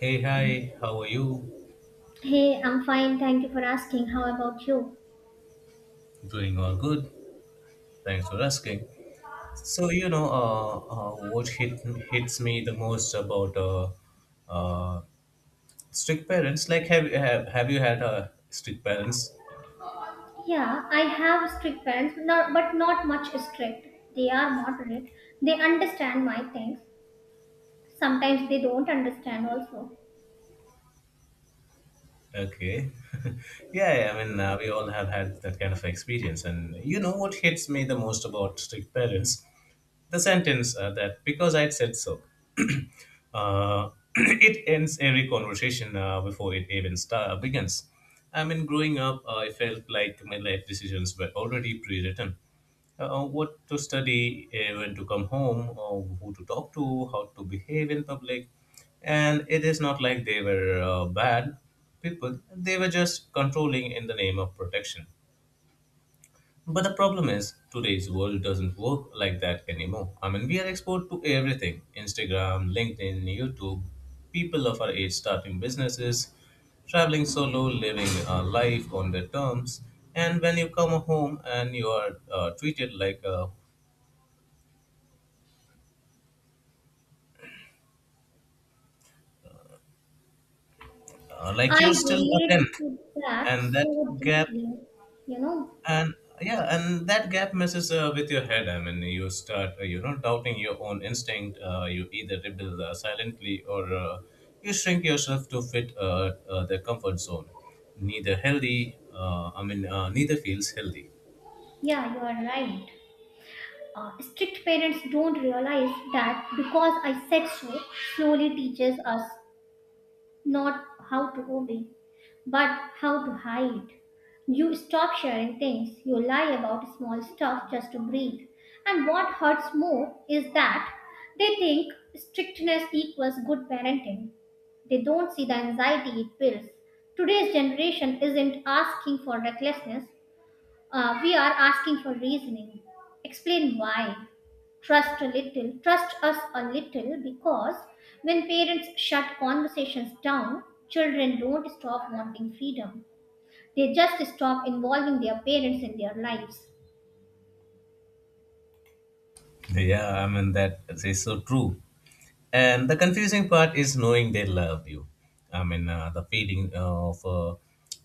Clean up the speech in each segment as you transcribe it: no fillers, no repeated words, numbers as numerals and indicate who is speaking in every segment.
Speaker 1: Hey, hi, how are you?
Speaker 2: Hey, I'm fine. Thank you for asking. How about you?
Speaker 1: Doing all good. Thanks for asking. So, you know, what hits me the most about uh, strict parents, like, have you had strict parents?
Speaker 2: Yeah, I have strict parents, but not much strict. They are moderate. They understand my things. Sometimes they don't understand also.
Speaker 1: Okay. Yeah, I mean, we all have had that kind of experience. And you know what hits me the most about strict parents? The sentence that because I said so. uh, it ends every conversation before it even begins. I mean, growing up, I felt like my life decisions were already pre-written. What to study, when to come home, or who to talk to, how to behave in public. And it is not like they were bad people, they were just controlling in the name of protection. But the problem is, today's world doesn't work like that anymore. I mean, we are exposed to everything: Instagram, LinkedIn, YouTube. People of our age starting businesses, traveling solo, living a life on their terms. And when you come home and you are treated like like
Speaker 2: I
Speaker 1: you're still a 10,
Speaker 2: relate to that
Speaker 1: and that
Speaker 2: so
Speaker 1: gap
Speaker 2: deeply. You know?
Speaker 1: and yeah, and that gap messes with your head. I mean, you start doubting your own instinct. You either rebel silently, or you shrink yourself to fit the comfort zone. Neither healthy, I mean, neither feels healthy.
Speaker 2: Yeah, you are right. Strict parents don't realize that because I said so slowly teaches us not how to obey, but how to hide. You stop sharing things, you lie about small stuff just to breathe. And what hurts more is that they think strictness equals good parenting. They don't see the anxiety it builds. Today's generation isn't asking for recklessness, we are asking for reasoning. Explain why. Trust a little, trust us a little because when parents shut conversations down, children don't stop wanting freedom. They just stop involving their parents in their lives.
Speaker 1: Yeah, I mean that is so true. And the confusing part is knowing they love you. I mean, the feeling of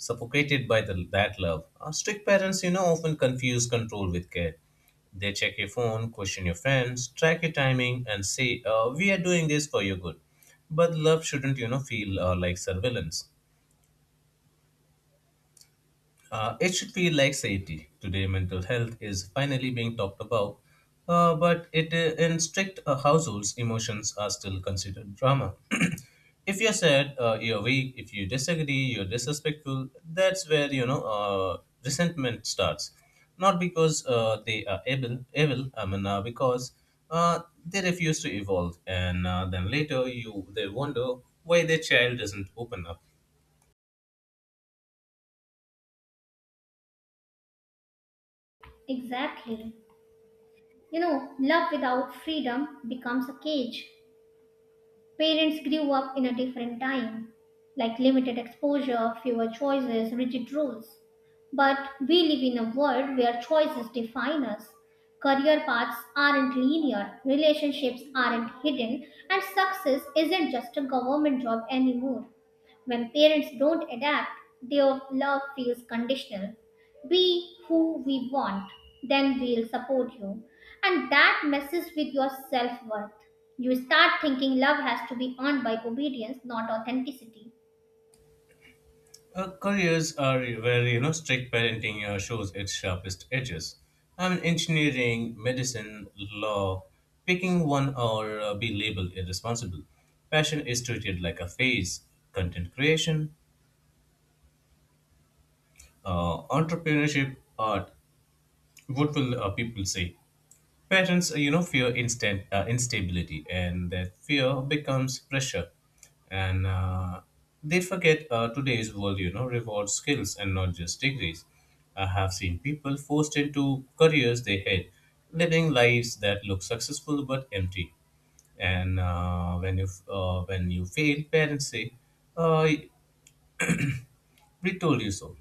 Speaker 1: suffocated by that love. Strict parents, often confuse control with care. They check your phone, question your friends, track your timing, and say, "We are doing this for your good." But love shouldn't, feel like surveillance. It should feel like safety. Today, mental health is finally being talked about, but it in strict households, emotions are still considered drama. If you're sad, you're weak. If you disagree, you're disrespectful. That's where resentment starts. Not because they are evil. I mean, because they refuse to evolve, and then later you they wonder why their child doesn't open up.
Speaker 2: Exactly. You know, love without freedom becomes a cage. Parents grew up in a different time, like limited exposure, fewer choices, rigid rules. But we live in a world where choices define us. Career paths aren't linear, relationships aren't hidden, and success isn't just a government job anymore. When parents don't adapt, their love feels conditional. Be who we want, then we'll support you. And that messes with your self worth. You start thinking love has to be earned by obedience, not authenticity.
Speaker 1: Careers are where strict parenting shows its sharpest edges. I mean, engineering, medicine, law. Picking one or be labeled irresponsible. Passion is treated like a phase. Content creation, entrepreneurship, art. What will people say? Parents, fear instant instability, and that fear becomes pressure, and they forget today's world, you know, rewards skills and not just degrees. I have seen people forced into careers they hate, living lives that look successful but empty. And when you fail, parents say, uh, "We told you so."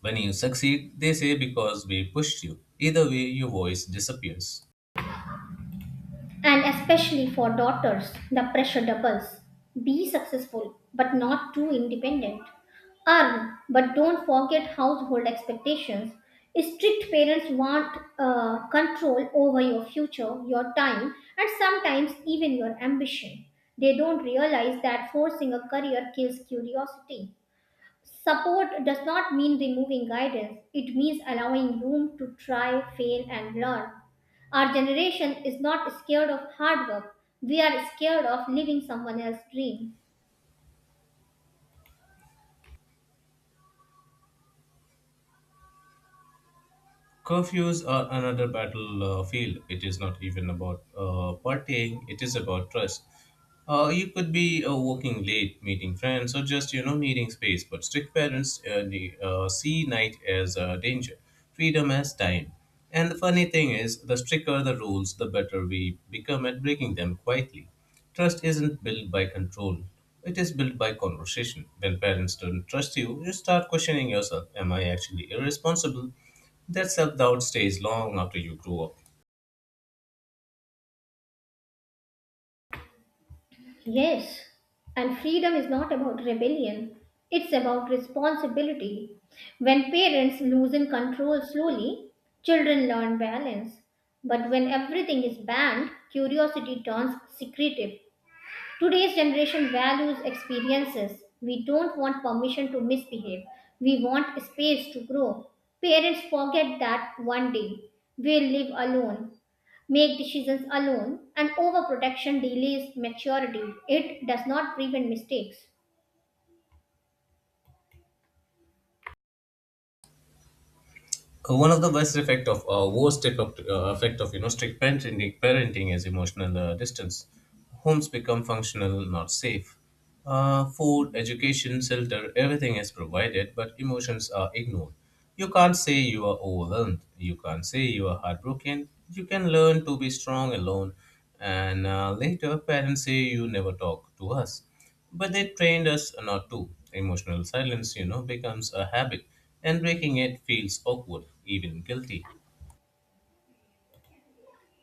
Speaker 1: When you succeed, they say, "Because we pushed you." Either way, your voice disappears.
Speaker 2: And especially for daughters, the pressure doubles. Be successful, but not too independent. Earn, but don't forget household expectations. Strict parents want control over your future, your time, and sometimes even your ambition. They don't realize that forcing a career kills curiosity. Support does not mean removing guidance, it means allowing room to try, fail, and learn. Our generation is not scared of hard work, we are scared of living someone else's dream.
Speaker 1: Curfews are another battlefield. It is not even about partying, it is about trust. You could be working late, meeting friends, or just, you know, needing space. But strict parents see night as a danger, freedom as time. And the funny thing is, the stricter the rules, the better we become at breaking them quietly. Trust isn't built by control; it is built by conversation. When parents don't trust you, you start questioning yourself: am I actually irresponsible? That self doubt stays long after you grow up.
Speaker 2: Yes, and freedom is not about rebellion, it's about responsibility. When parents loosen control slowly, children learn balance. But when everything is banned, curiosity turns secretive. Today's generation values experiences. We don't want permission to misbehave. We want space to grow. Parents forget that one day we'll live alone, make decisions alone, and overprotection delays maturity. It does not prevent mistakes.
Speaker 1: One of the worst effect of strict parenting is emotional distance. Homes become functional, not safe. Food, education, shelter, everything is provided, but emotions are ignored. You can't say you are overwhelmed. You can't say you are heartbroken. You can learn to be strong alone, and later parents say you never talk to us, but they trained us not to. Emotional silence, becomes a habit, and breaking it feels awkward, even guilty.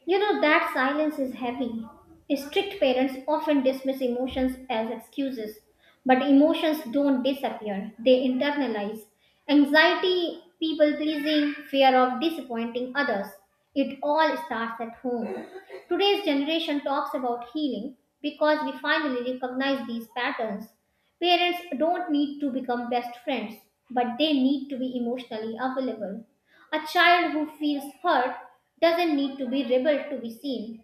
Speaker 2: You know, that silence is heavy. Strict parents often dismiss emotions as excuses, but emotions don't disappear, they internalize. Anxiety, people pleasing, fear of disappointing others. It all starts at home. Today's generation talks about healing because we finally recognize these patterns. Parents don't need to become best friends, but they need to be emotionally available. A child who feels hurt doesn't need to be rebel to be seen.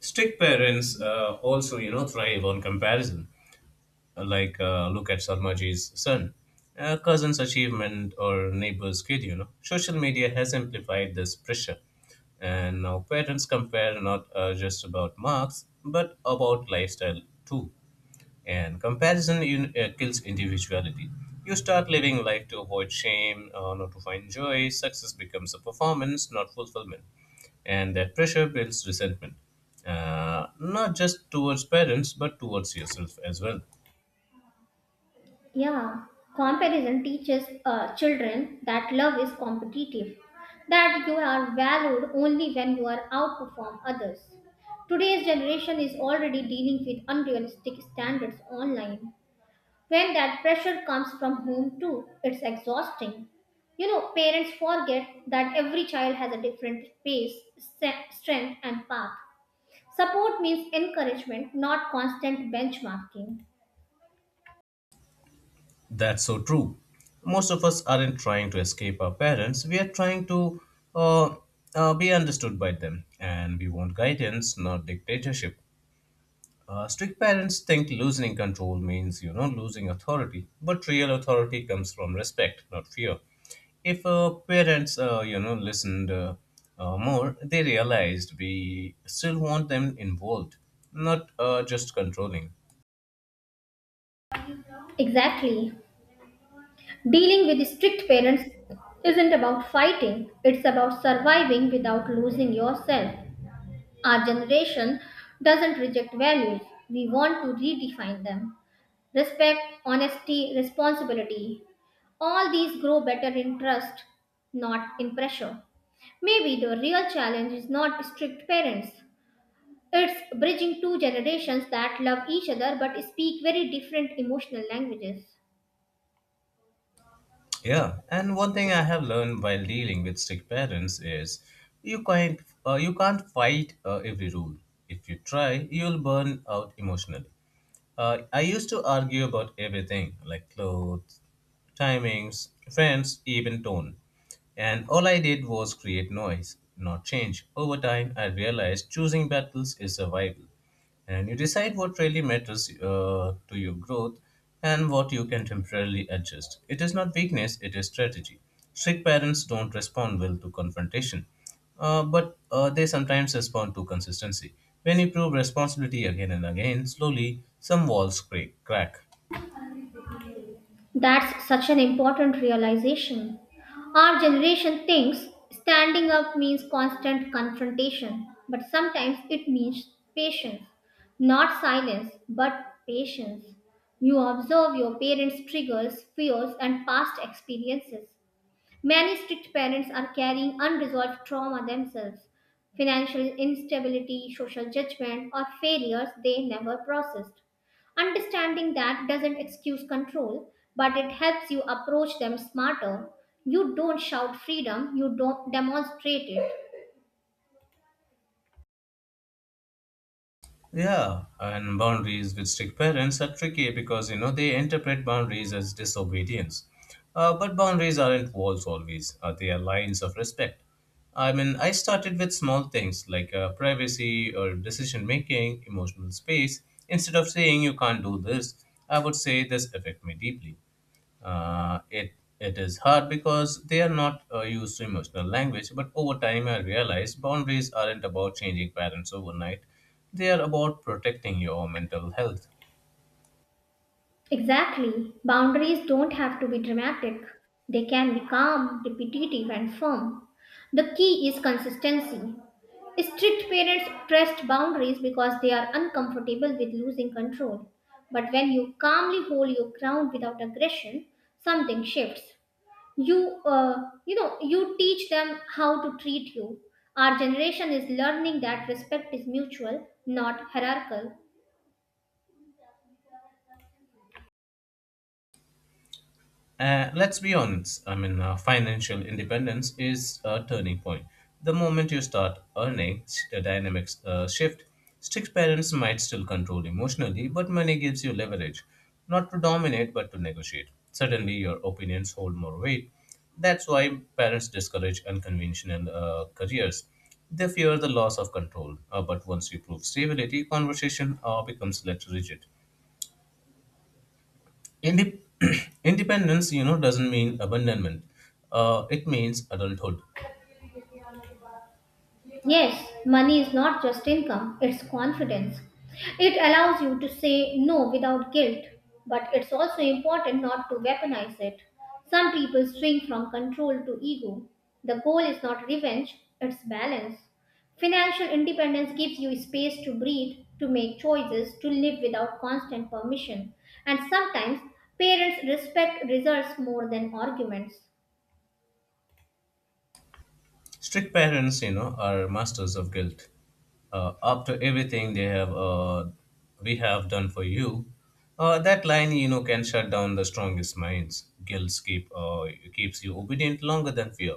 Speaker 1: Strict parents also, thrive on comparison. Like, look at Sarmaji's son, cousin's achievement, or neighbor's kid. Social media has amplified this pressure. And now parents compare not just about marks, but about lifestyle too. And comparison kills individuality. You start living life to avoid shame, not to find joy. Success becomes a performance, not fulfillment. And that pressure builds resentment, not just towards parents, but towards yourself as well.
Speaker 2: Yeah, comparison teaches children that love is competitive, that you are valued only when you are outperform others. Today's generation is already dealing with unrealistic standards online. When that pressure comes from home too, it's exhausting. You know, parents forget that every child has a different pace, strength, and path. Support means encouragement, not constant benchmarking.
Speaker 1: That's so true. Most of us aren't trying to escape our parents, we are trying to uh, be understood by them. And we want guidance, not dictatorship. Strict parents think loosening control means, losing authority, but real authority comes from respect, not fear. If parents, listened more, they realized we still want them involved, not just controlling.
Speaker 2: Exactly. Dealing with strict parents isn't about fighting, it's about surviving without losing yourself. Our generation doesn't reject values, we want to redefine them. Respect, honesty, responsibility all these grow better in trust, not in pressure. Maybe the real challenge is not strict parents, it's bridging two generations that love each other but speak very different emotional languages.
Speaker 1: Yeah, and one thing I have learned while dealing with strict parents is you can't you can't fight every rule. If you try, you'll burn out emotionally. I used to argue about everything, like clothes, timings, friends, even tone. And all I did was create noise, not change. Over time, I realized choosing battles is survival, and you decide what really matters to your growth and what you can temporarily adjust. It is not weakness, it is strategy. Strict parents don't respond well to confrontation, but they sometimes respond to consistency. When you prove responsibility again and again, slowly some walls crack.
Speaker 2: That's such an important realization. Our generation thinks standing up means constant confrontation, but sometimes it means patience. Not silence, but patience. You observe your parents' triggers, fears, and past experiences. Many strict parents are carrying unresolved trauma themselves, financial instability, social judgment, or failures they never processed. Understanding that doesn't excuse control, but it helps you approach them smarter. You don't shout freedom, you don't demonstrate it.
Speaker 1: Yeah, and boundaries with strict parents are tricky because, they interpret boundaries as disobedience. But boundaries aren't walls always, they are lines of respect. I mean, I started with small things like privacy or decision making, emotional space. Instead of saying you can't do this, I would say this affect me deeply. Uh, it it is hard because they are not used to emotional language. But over time, I realized boundaries aren't about changing parents overnight; they are about protecting your mental health.
Speaker 2: Exactly. Boundaries don't have to be dramatic, they can be calm, repetitive, and firm. The key is consistency. Strict parents trust boundaries because they are uncomfortable with losing control. But when you calmly hold your ground without aggression, something shifts. You teach them how to treat you. Our generation is learning that respect is mutual, not hierarchical.
Speaker 1: Let's be honest. I mean, financial independence is a turning point. The moment you start earning, the dynamics shift. Strict parents might still control emotionally, but money gives you leverage, not to dominate, but to negotiate. Suddenly, your opinions hold more weight. That's why parents discourage unconventional careers. They fear the loss of control, but once you prove stability, conversation becomes less rigid. Indep- Independence, you know, doesn't mean abandonment. It means adulthood.
Speaker 2: Yes, money is not just income, it's confidence. It allows you to say no without guilt, but it's also important not to weaponize it. Some people swing from control to ego. The goal is not revenge, it's balance. Financial independence gives you space to breathe, to make choices, to live without constant permission. And sometimes parents respect results more than arguments.
Speaker 1: Strict parents, are masters of guilt. After everything we have done for you, that line, can shut down the strongest minds. Guilt keeps you obedient longer than fear.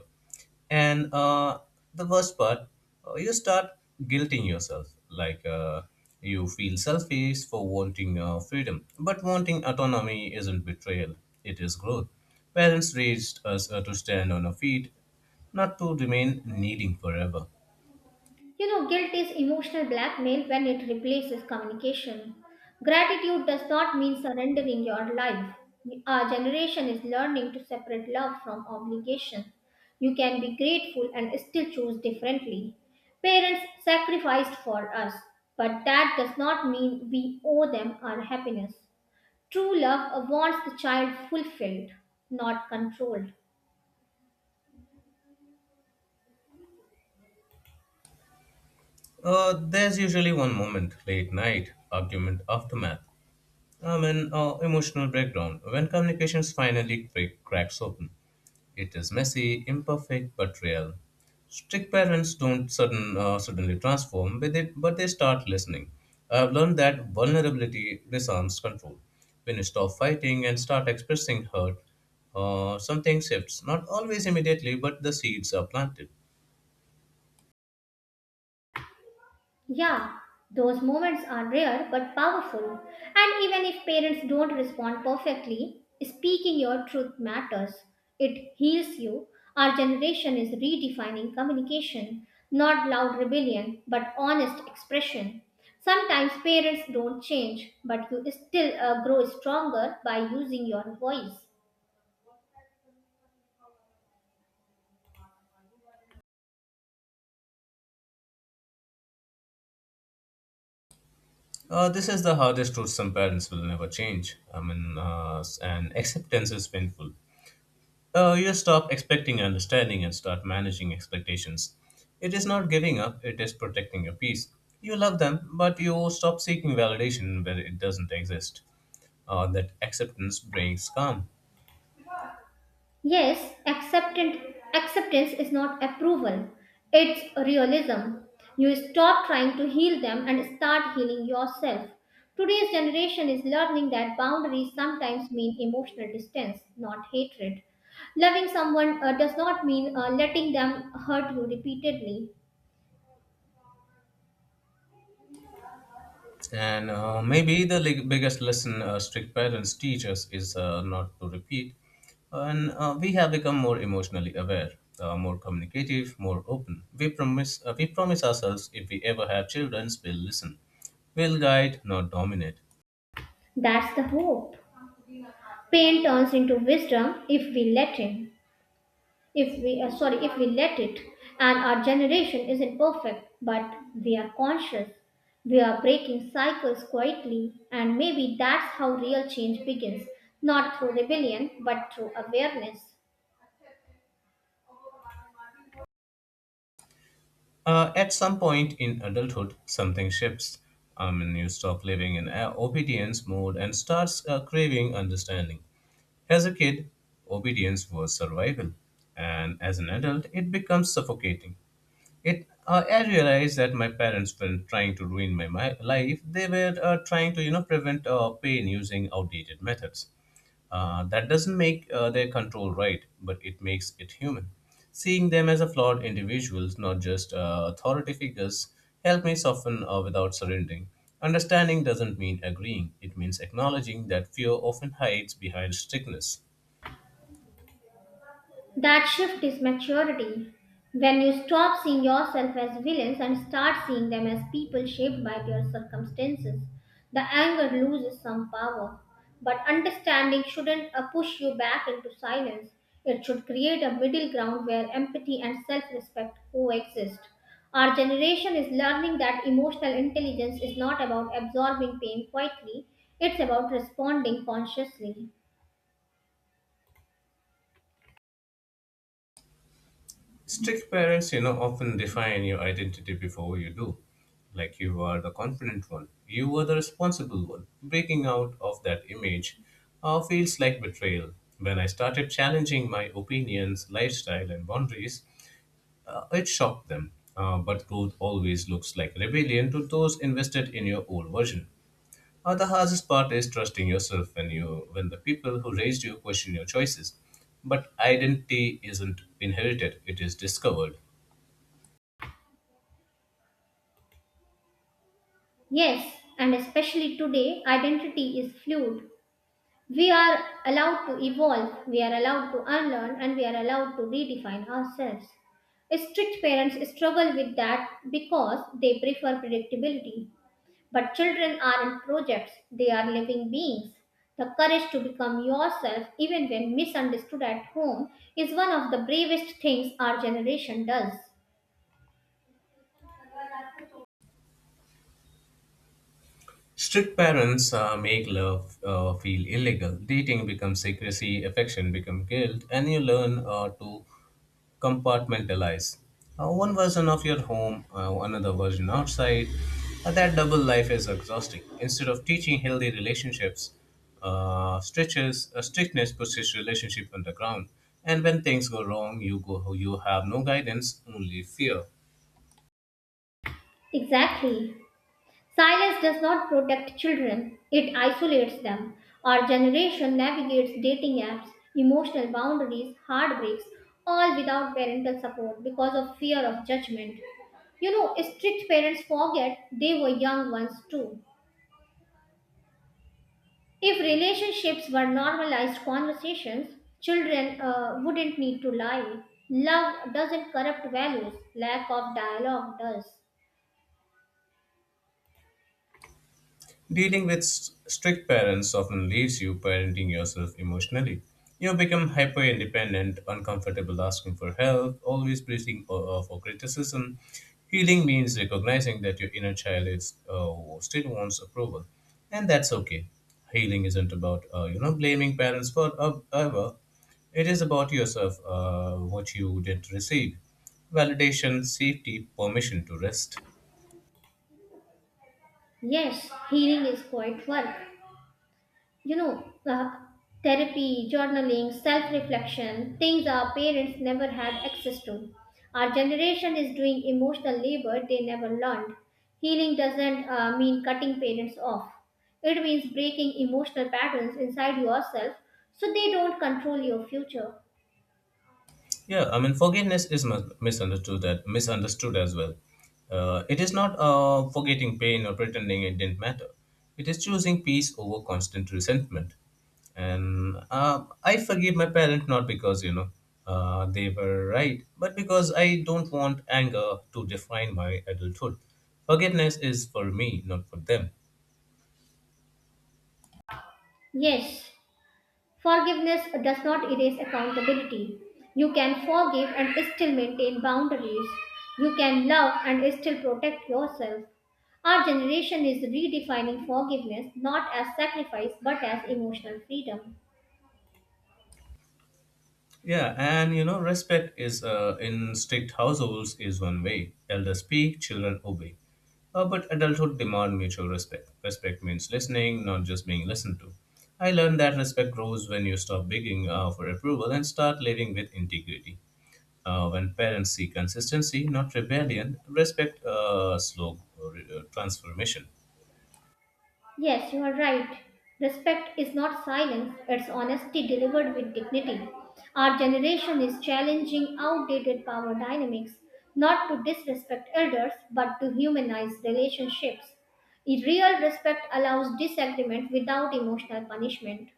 Speaker 1: And the worst part, you start guilting yourself. Like, you feel selfish for wanting freedom. But wanting autonomy isn't betrayal, it is growth. Parents raised us to stand on our feet, not to remain needing forever.
Speaker 2: You know, guilt is emotional blackmail when it replaces communication. Gratitude does not mean surrendering your life. Our generation is learning to separate love from obligation. You can be grateful and still choose differently. Parents sacrificed for us, but that does not mean we owe them our happiness. True love wants the child fulfilled, not controlled.
Speaker 1: There's usually one moment, late night, argument, aftermath, an emotional breakdown, when communications finally cracks open. It is messy, imperfect, but real. Strict parents don't suddenly transform with it, but they start listening. I've learned that vulnerability disarms control. When you stop fighting and start expressing hurt, something shifts, not always immediately, but the seeds are planted.
Speaker 2: Yeah, those moments are rare but powerful. And even if parents don't respond perfectly, speaking your truth matters. It heals you. Our generation is redefining communication, not loud rebellion, but honest expression. Sometimes parents don't change, but you still grow stronger by using your voice.
Speaker 1: This is the hardest truth: some parents will never change. I mean, and acceptance is painful. You stop expecting understanding and start managing expectations. It is not giving up, it is protecting your peace. You love them, but you stop seeking validation where it doesn't exist. That acceptance brings calm.
Speaker 2: Yes, acceptance, acceptance is not approval, it's realism. You stop trying to heal them and start healing yourself. Today's generation is learning that boundaries sometimes mean emotional distance, not hatred. Loving someone does not mean letting them hurt you repeatedly.
Speaker 1: And maybe the biggest lesson strict parents teach us is not to repeat. And we have become more emotionally aware, more communicative, more open. We promise ourselves, if we ever have children, we'll listen, we'll guide, not dominate.
Speaker 2: That's the hope. Pain turns into wisdom if we let it. If we sorry if we let it, and our generation isn't perfect, but we are conscious. We are breaking cycles quietly, and maybe that's how real change begins, not through rebellion but through awareness.
Speaker 1: At some point in adulthood, something shifts. I mean, you stop living in obedience mode and starts craving understanding. As a kid, obedience was survival, and as an adult, it becomes suffocating. It I realized that my parents weren't trying to ruin my life; they were trying to, prevent pain using outdated methods. That doesn't make their control right, but it makes it human. Seeing them as a flawed individuals, not just authority figures, helped me soften without surrendering. Understanding doesn't mean agreeing; it means acknowledging that fear often hides behind strictness.
Speaker 2: That shift is maturity. When you stop seeing yourself as villains and start seeing them as people shaped by their circumstances, the anger loses some power. But understanding shouldn't push you back into silence. It should create a middle ground where empathy and self respect coexist. Our generation is learning that emotional intelligence is not about absorbing pain quietly, it's about responding consciously.
Speaker 1: Strict parents, often define your identity before you do. Like, you are the confident one, you are the responsible one. Breaking out of that image feels like betrayal. When I started challenging my opinions, lifestyle, and boundaries, it shocked them. But growth always looks like rebellion to those invested in your old version. The hardest part is trusting yourself when you when the people who raised you question your choices. But identity isn't inherited, it is discovered.
Speaker 2: Yes, and especially today, identity is fluid. We are allowed to evolve, we are allowed to unlearn, and we are allowed to redefine ourselves. Strict parents struggle with that because they prefer predictability. But children aren't projects, they are living beings. The courage to become yourself, even when misunderstood at home, is one of the bravest things our generation does.
Speaker 1: Strict parents make love feel illegal. Dating becomes secrecy, affection becomes guilt, and you learn to compartmentalize. One version of your home, another version outside. That double life is exhausting. Instead of teaching healthy relationships, strictness pushes relationship underground. And when things go wrong, you have no guidance, only fear.
Speaker 2: Exactly. Silence does not protect children, it isolates them. Our generation navigates dating apps, emotional boundaries, heartbreaks, all without parental support because of fear of judgment. You know, strict parents forget they were young ones too. If relationships were normalized conversations, children wouldn't need to lie. Love doesn't corrupt values, lack of dialogue does.
Speaker 1: Dealing with strict parents often leaves you parenting yourself emotionally. You become hyper independent, uncomfortable asking for help, always bracing for criticism. Healing means recognizing that your inner child still wants approval, and that's okay. Healing isn't about you know blaming parents for ever. It is about yourself, what you didn't receive, validation, safety, permission to rest.
Speaker 2: Yes, healing is quite work, you know, uh, therapy, journaling, self reflection, things our parents never had access to. Our generation is doing emotional labor they never learned. Healing doesn't mean cutting parents off, it means breaking emotional patterns inside yourself so they don't control your future.
Speaker 1: Yeah, I mean, forgiveness is misunderstood as well. It is not forgetting pain or pretending it didn't matter. It is choosing peace over constant resentment. And I forgive my parents not because you know they were right, but because I don't want anger to define my adulthood. Forgiveness is for me, not for them.
Speaker 2: Yes, forgiveness does not erase accountability. You can forgive and still maintain boundaries. You can love and still protect yourself. Our generation is redefining forgiveness not as sacrifice but as emotional freedom.
Speaker 1: Yeah, and you know, respect is in strict households is one way. Elders speak, children obey. But adulthood demand mutual respect. Respect means listening, not just being listened to. I learned that respect grows when you stop begging for approval and start living with integrity. When parents see consistency, not rebellion, respect slow transformation.
Speaker 2: Yes, you are right. Respect is not silence, it's honesty delivered with dignity. Our generation is challenging outdated power dynamics, not to disrespect elders, but to humanize relationships. A real respect allows disagreement without emotional punishment.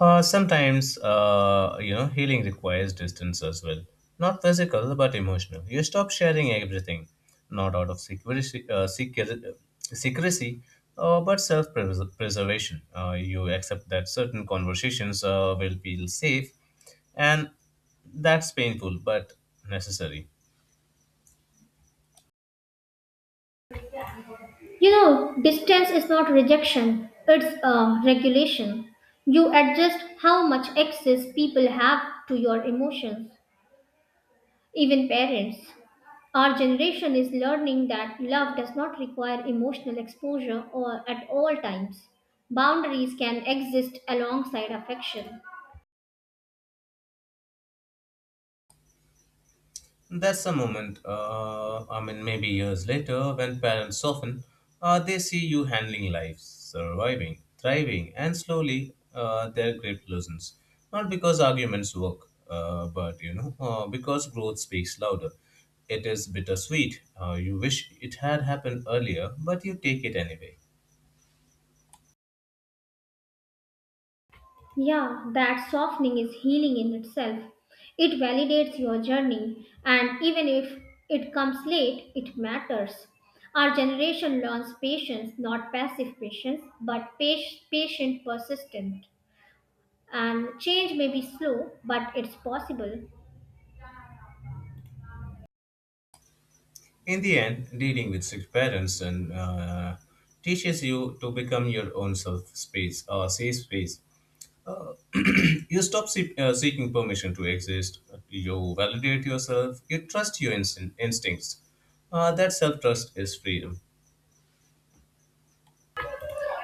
Speaker 1: Sometimes, you know, healing requires distance as well. Not physical, but emotional. You stop sharing everything, not out of secrecy, secrecy but self preservation. You accept that certain conversations will feel safe, and that's painful but necessary.
Speaker 2: You know, distance is not rejection, it's a regulation. You adjust how much access people have to your emotions, even parents. Our generation is learning that love does not require emotional exposure or at all times. Boundaries can exist alongside affection.
Speaker 1: That's the moment, I mean, maybe years later, when parents soften, they see you handling life, surviving, thriving, and slowly their grip loosens. Not because arguments work, but you know, because growth speaks louder. It is bittersweet. You wish it had happened earlier, but you take it anyway.
Speaker 2: Yeah, that softening is healing in itself. It validates your journey, and even if it comes late, it matters. Our generation learns patience, not passive patience, but patient persistent. And change may be slow, but it's possible.
Speaker 1: In the end, dealing with sick parents and teaches you to become your own safe space. You stop seeking permission to exist. You validate yourself. You trust your instincts. That self trust is freedom.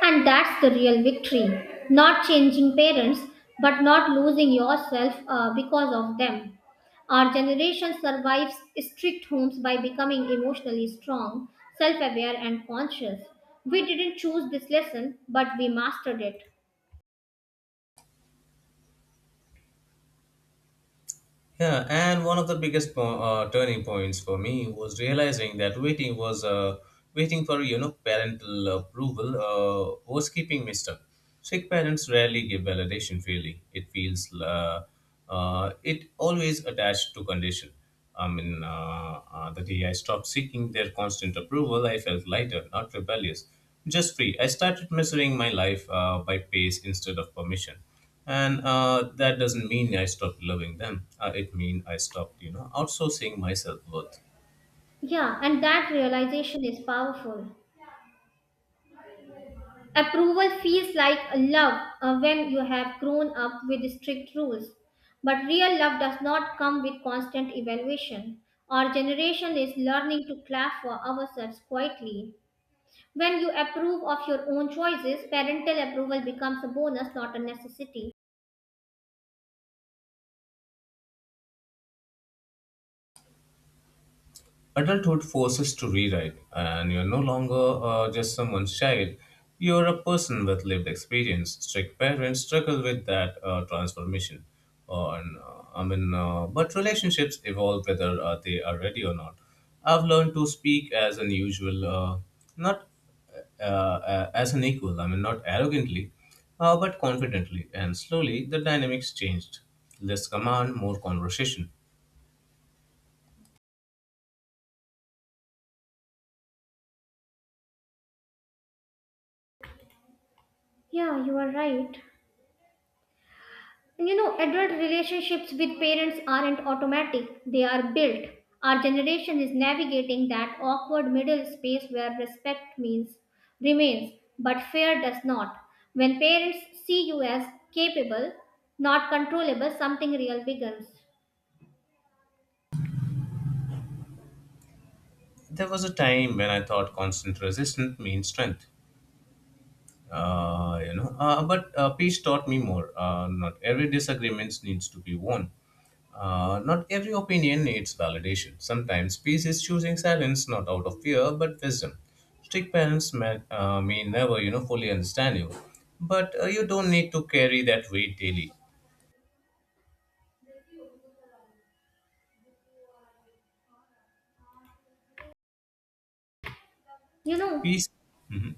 Speaker 2: And that's the real victory. Not changing parents, but not losing yourself because of them. Our generation survives strict homes by becoming emotionally strong, self aware, and conscious. We didn't choose this lesson, but we mastered it.
Speaker 1: Yeah, and one of the biggest turning points for me was realizing that waiting for you know parental approval was keeping me stuck. Sick parents rarely give validation freely. It feels it always attached to condition. I mean, the day I stopped seeking their constant approval, I felt lighter, not rebellious, just free. I started measuring my life by pace instead of permission, and that doesn't mean I stopped loving them, it means I stopped you know outsourcing my self-worth.
Speaker 2: Yeah, and that realization is powerful. Approval feels like a love when you have grown up with strict rules. But real love does not come with constant evaluation. Our generation is learning to clap for ourselves quietly. When you approve of your own choices, parental approval becomes a bonus, not a necessity.
Speaker 1: Adulthood forces to rewrite, and you're no longer just someone's child. You're a person with lived experience. Strict parents struggle with that transformation. But relationships evolve whether they are ready or not. I've learned to speak as an usual, not as an equal. I mean, not arrogantly, but confidently. And slowly, the dynamics changed. Less command, more conversation.
Speaker 2: Yeah, you are right. And you know, adult relationships with parents aren't automatic, they are built. Our generation is navigating that awkward middle space where respect means remains, but fear does not. When parents see you as capable, not controllable, something real begins.
Speaker 1: There was a time when I thought constant resistance means strength. You know, but peace taught me more. Not every disagreement needs to be won. Not every opinion needs validation. Sometimes peace is choosing silence, not out of fear, but wisdom. Strict parents may never, you know, fully understand you, but you don't need to carry that weight daily.
Speaker 2: You know,
Speaker 1: Peace. Hmm,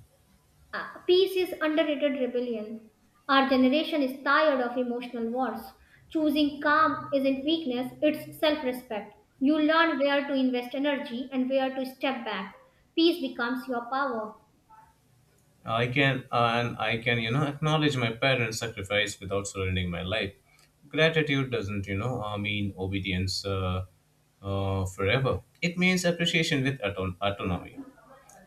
Speaker 2: Peace is underrated rebellion. Our generation is tired of emotional wars. Choosing calm isn't weakness, it's self respect. You learn where to invest energy and where to step back. Peace becomes your power.
Speaker 1: I can and I can you know acknowledge my parents' sacrifice without surrendering my life. Gratitude doesn't you know mean obedience, forever. It means appreciation with autonomy,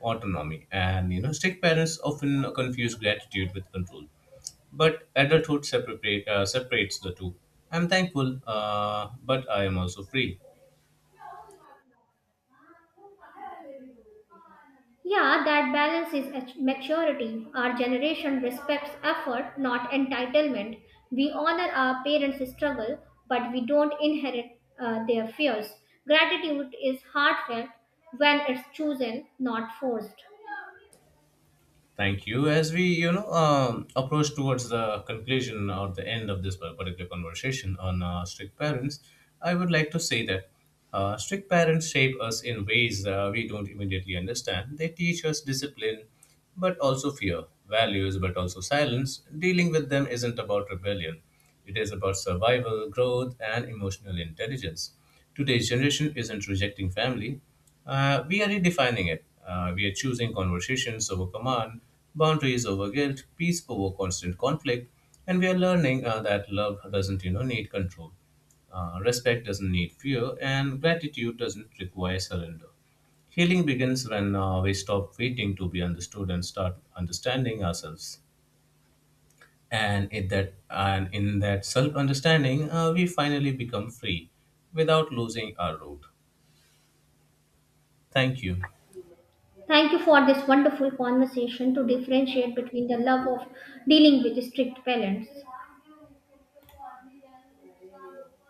Speaker 1: and you know strict parents often confuse gratitude with control. But adulthood separates the two. I'm thankful, but I am also free.
Speaker 2: Yeah, that balance is maturity. Our generation respects effort, not entitlement. We honor our parents' struggle, but we don't inherit their fears. Gratitude is heartfelt when it's chosen, not forced.
Speaker 1: Thank you. As we, you know, approach towards the conclusion or the end of this particular conversation on strict parents, I would like to say that strict parents shape us in ways we don't immediately understand. They teach us discipline, but also fear, values, but also silence. Dealing with them isn't about rebellion. It is about survival, growth, and emotional intelligence. Today's generation isn't rejecting family, we are redefining it. We are choosing conversations over command, boundaries over guilt, peace over constant conflict, and we are learning that love doesn't you know need control. Respect doesn't need fear, and gratitude doesn't require surrender. Healing begins when we stop waiting to be understood and start understanding ourselves, and in that self understanding we finally become free without losing our root. Thank you.
Speaker 2: Thank you for this wonderful conversation to differentiate between the love of dealing with strict parents.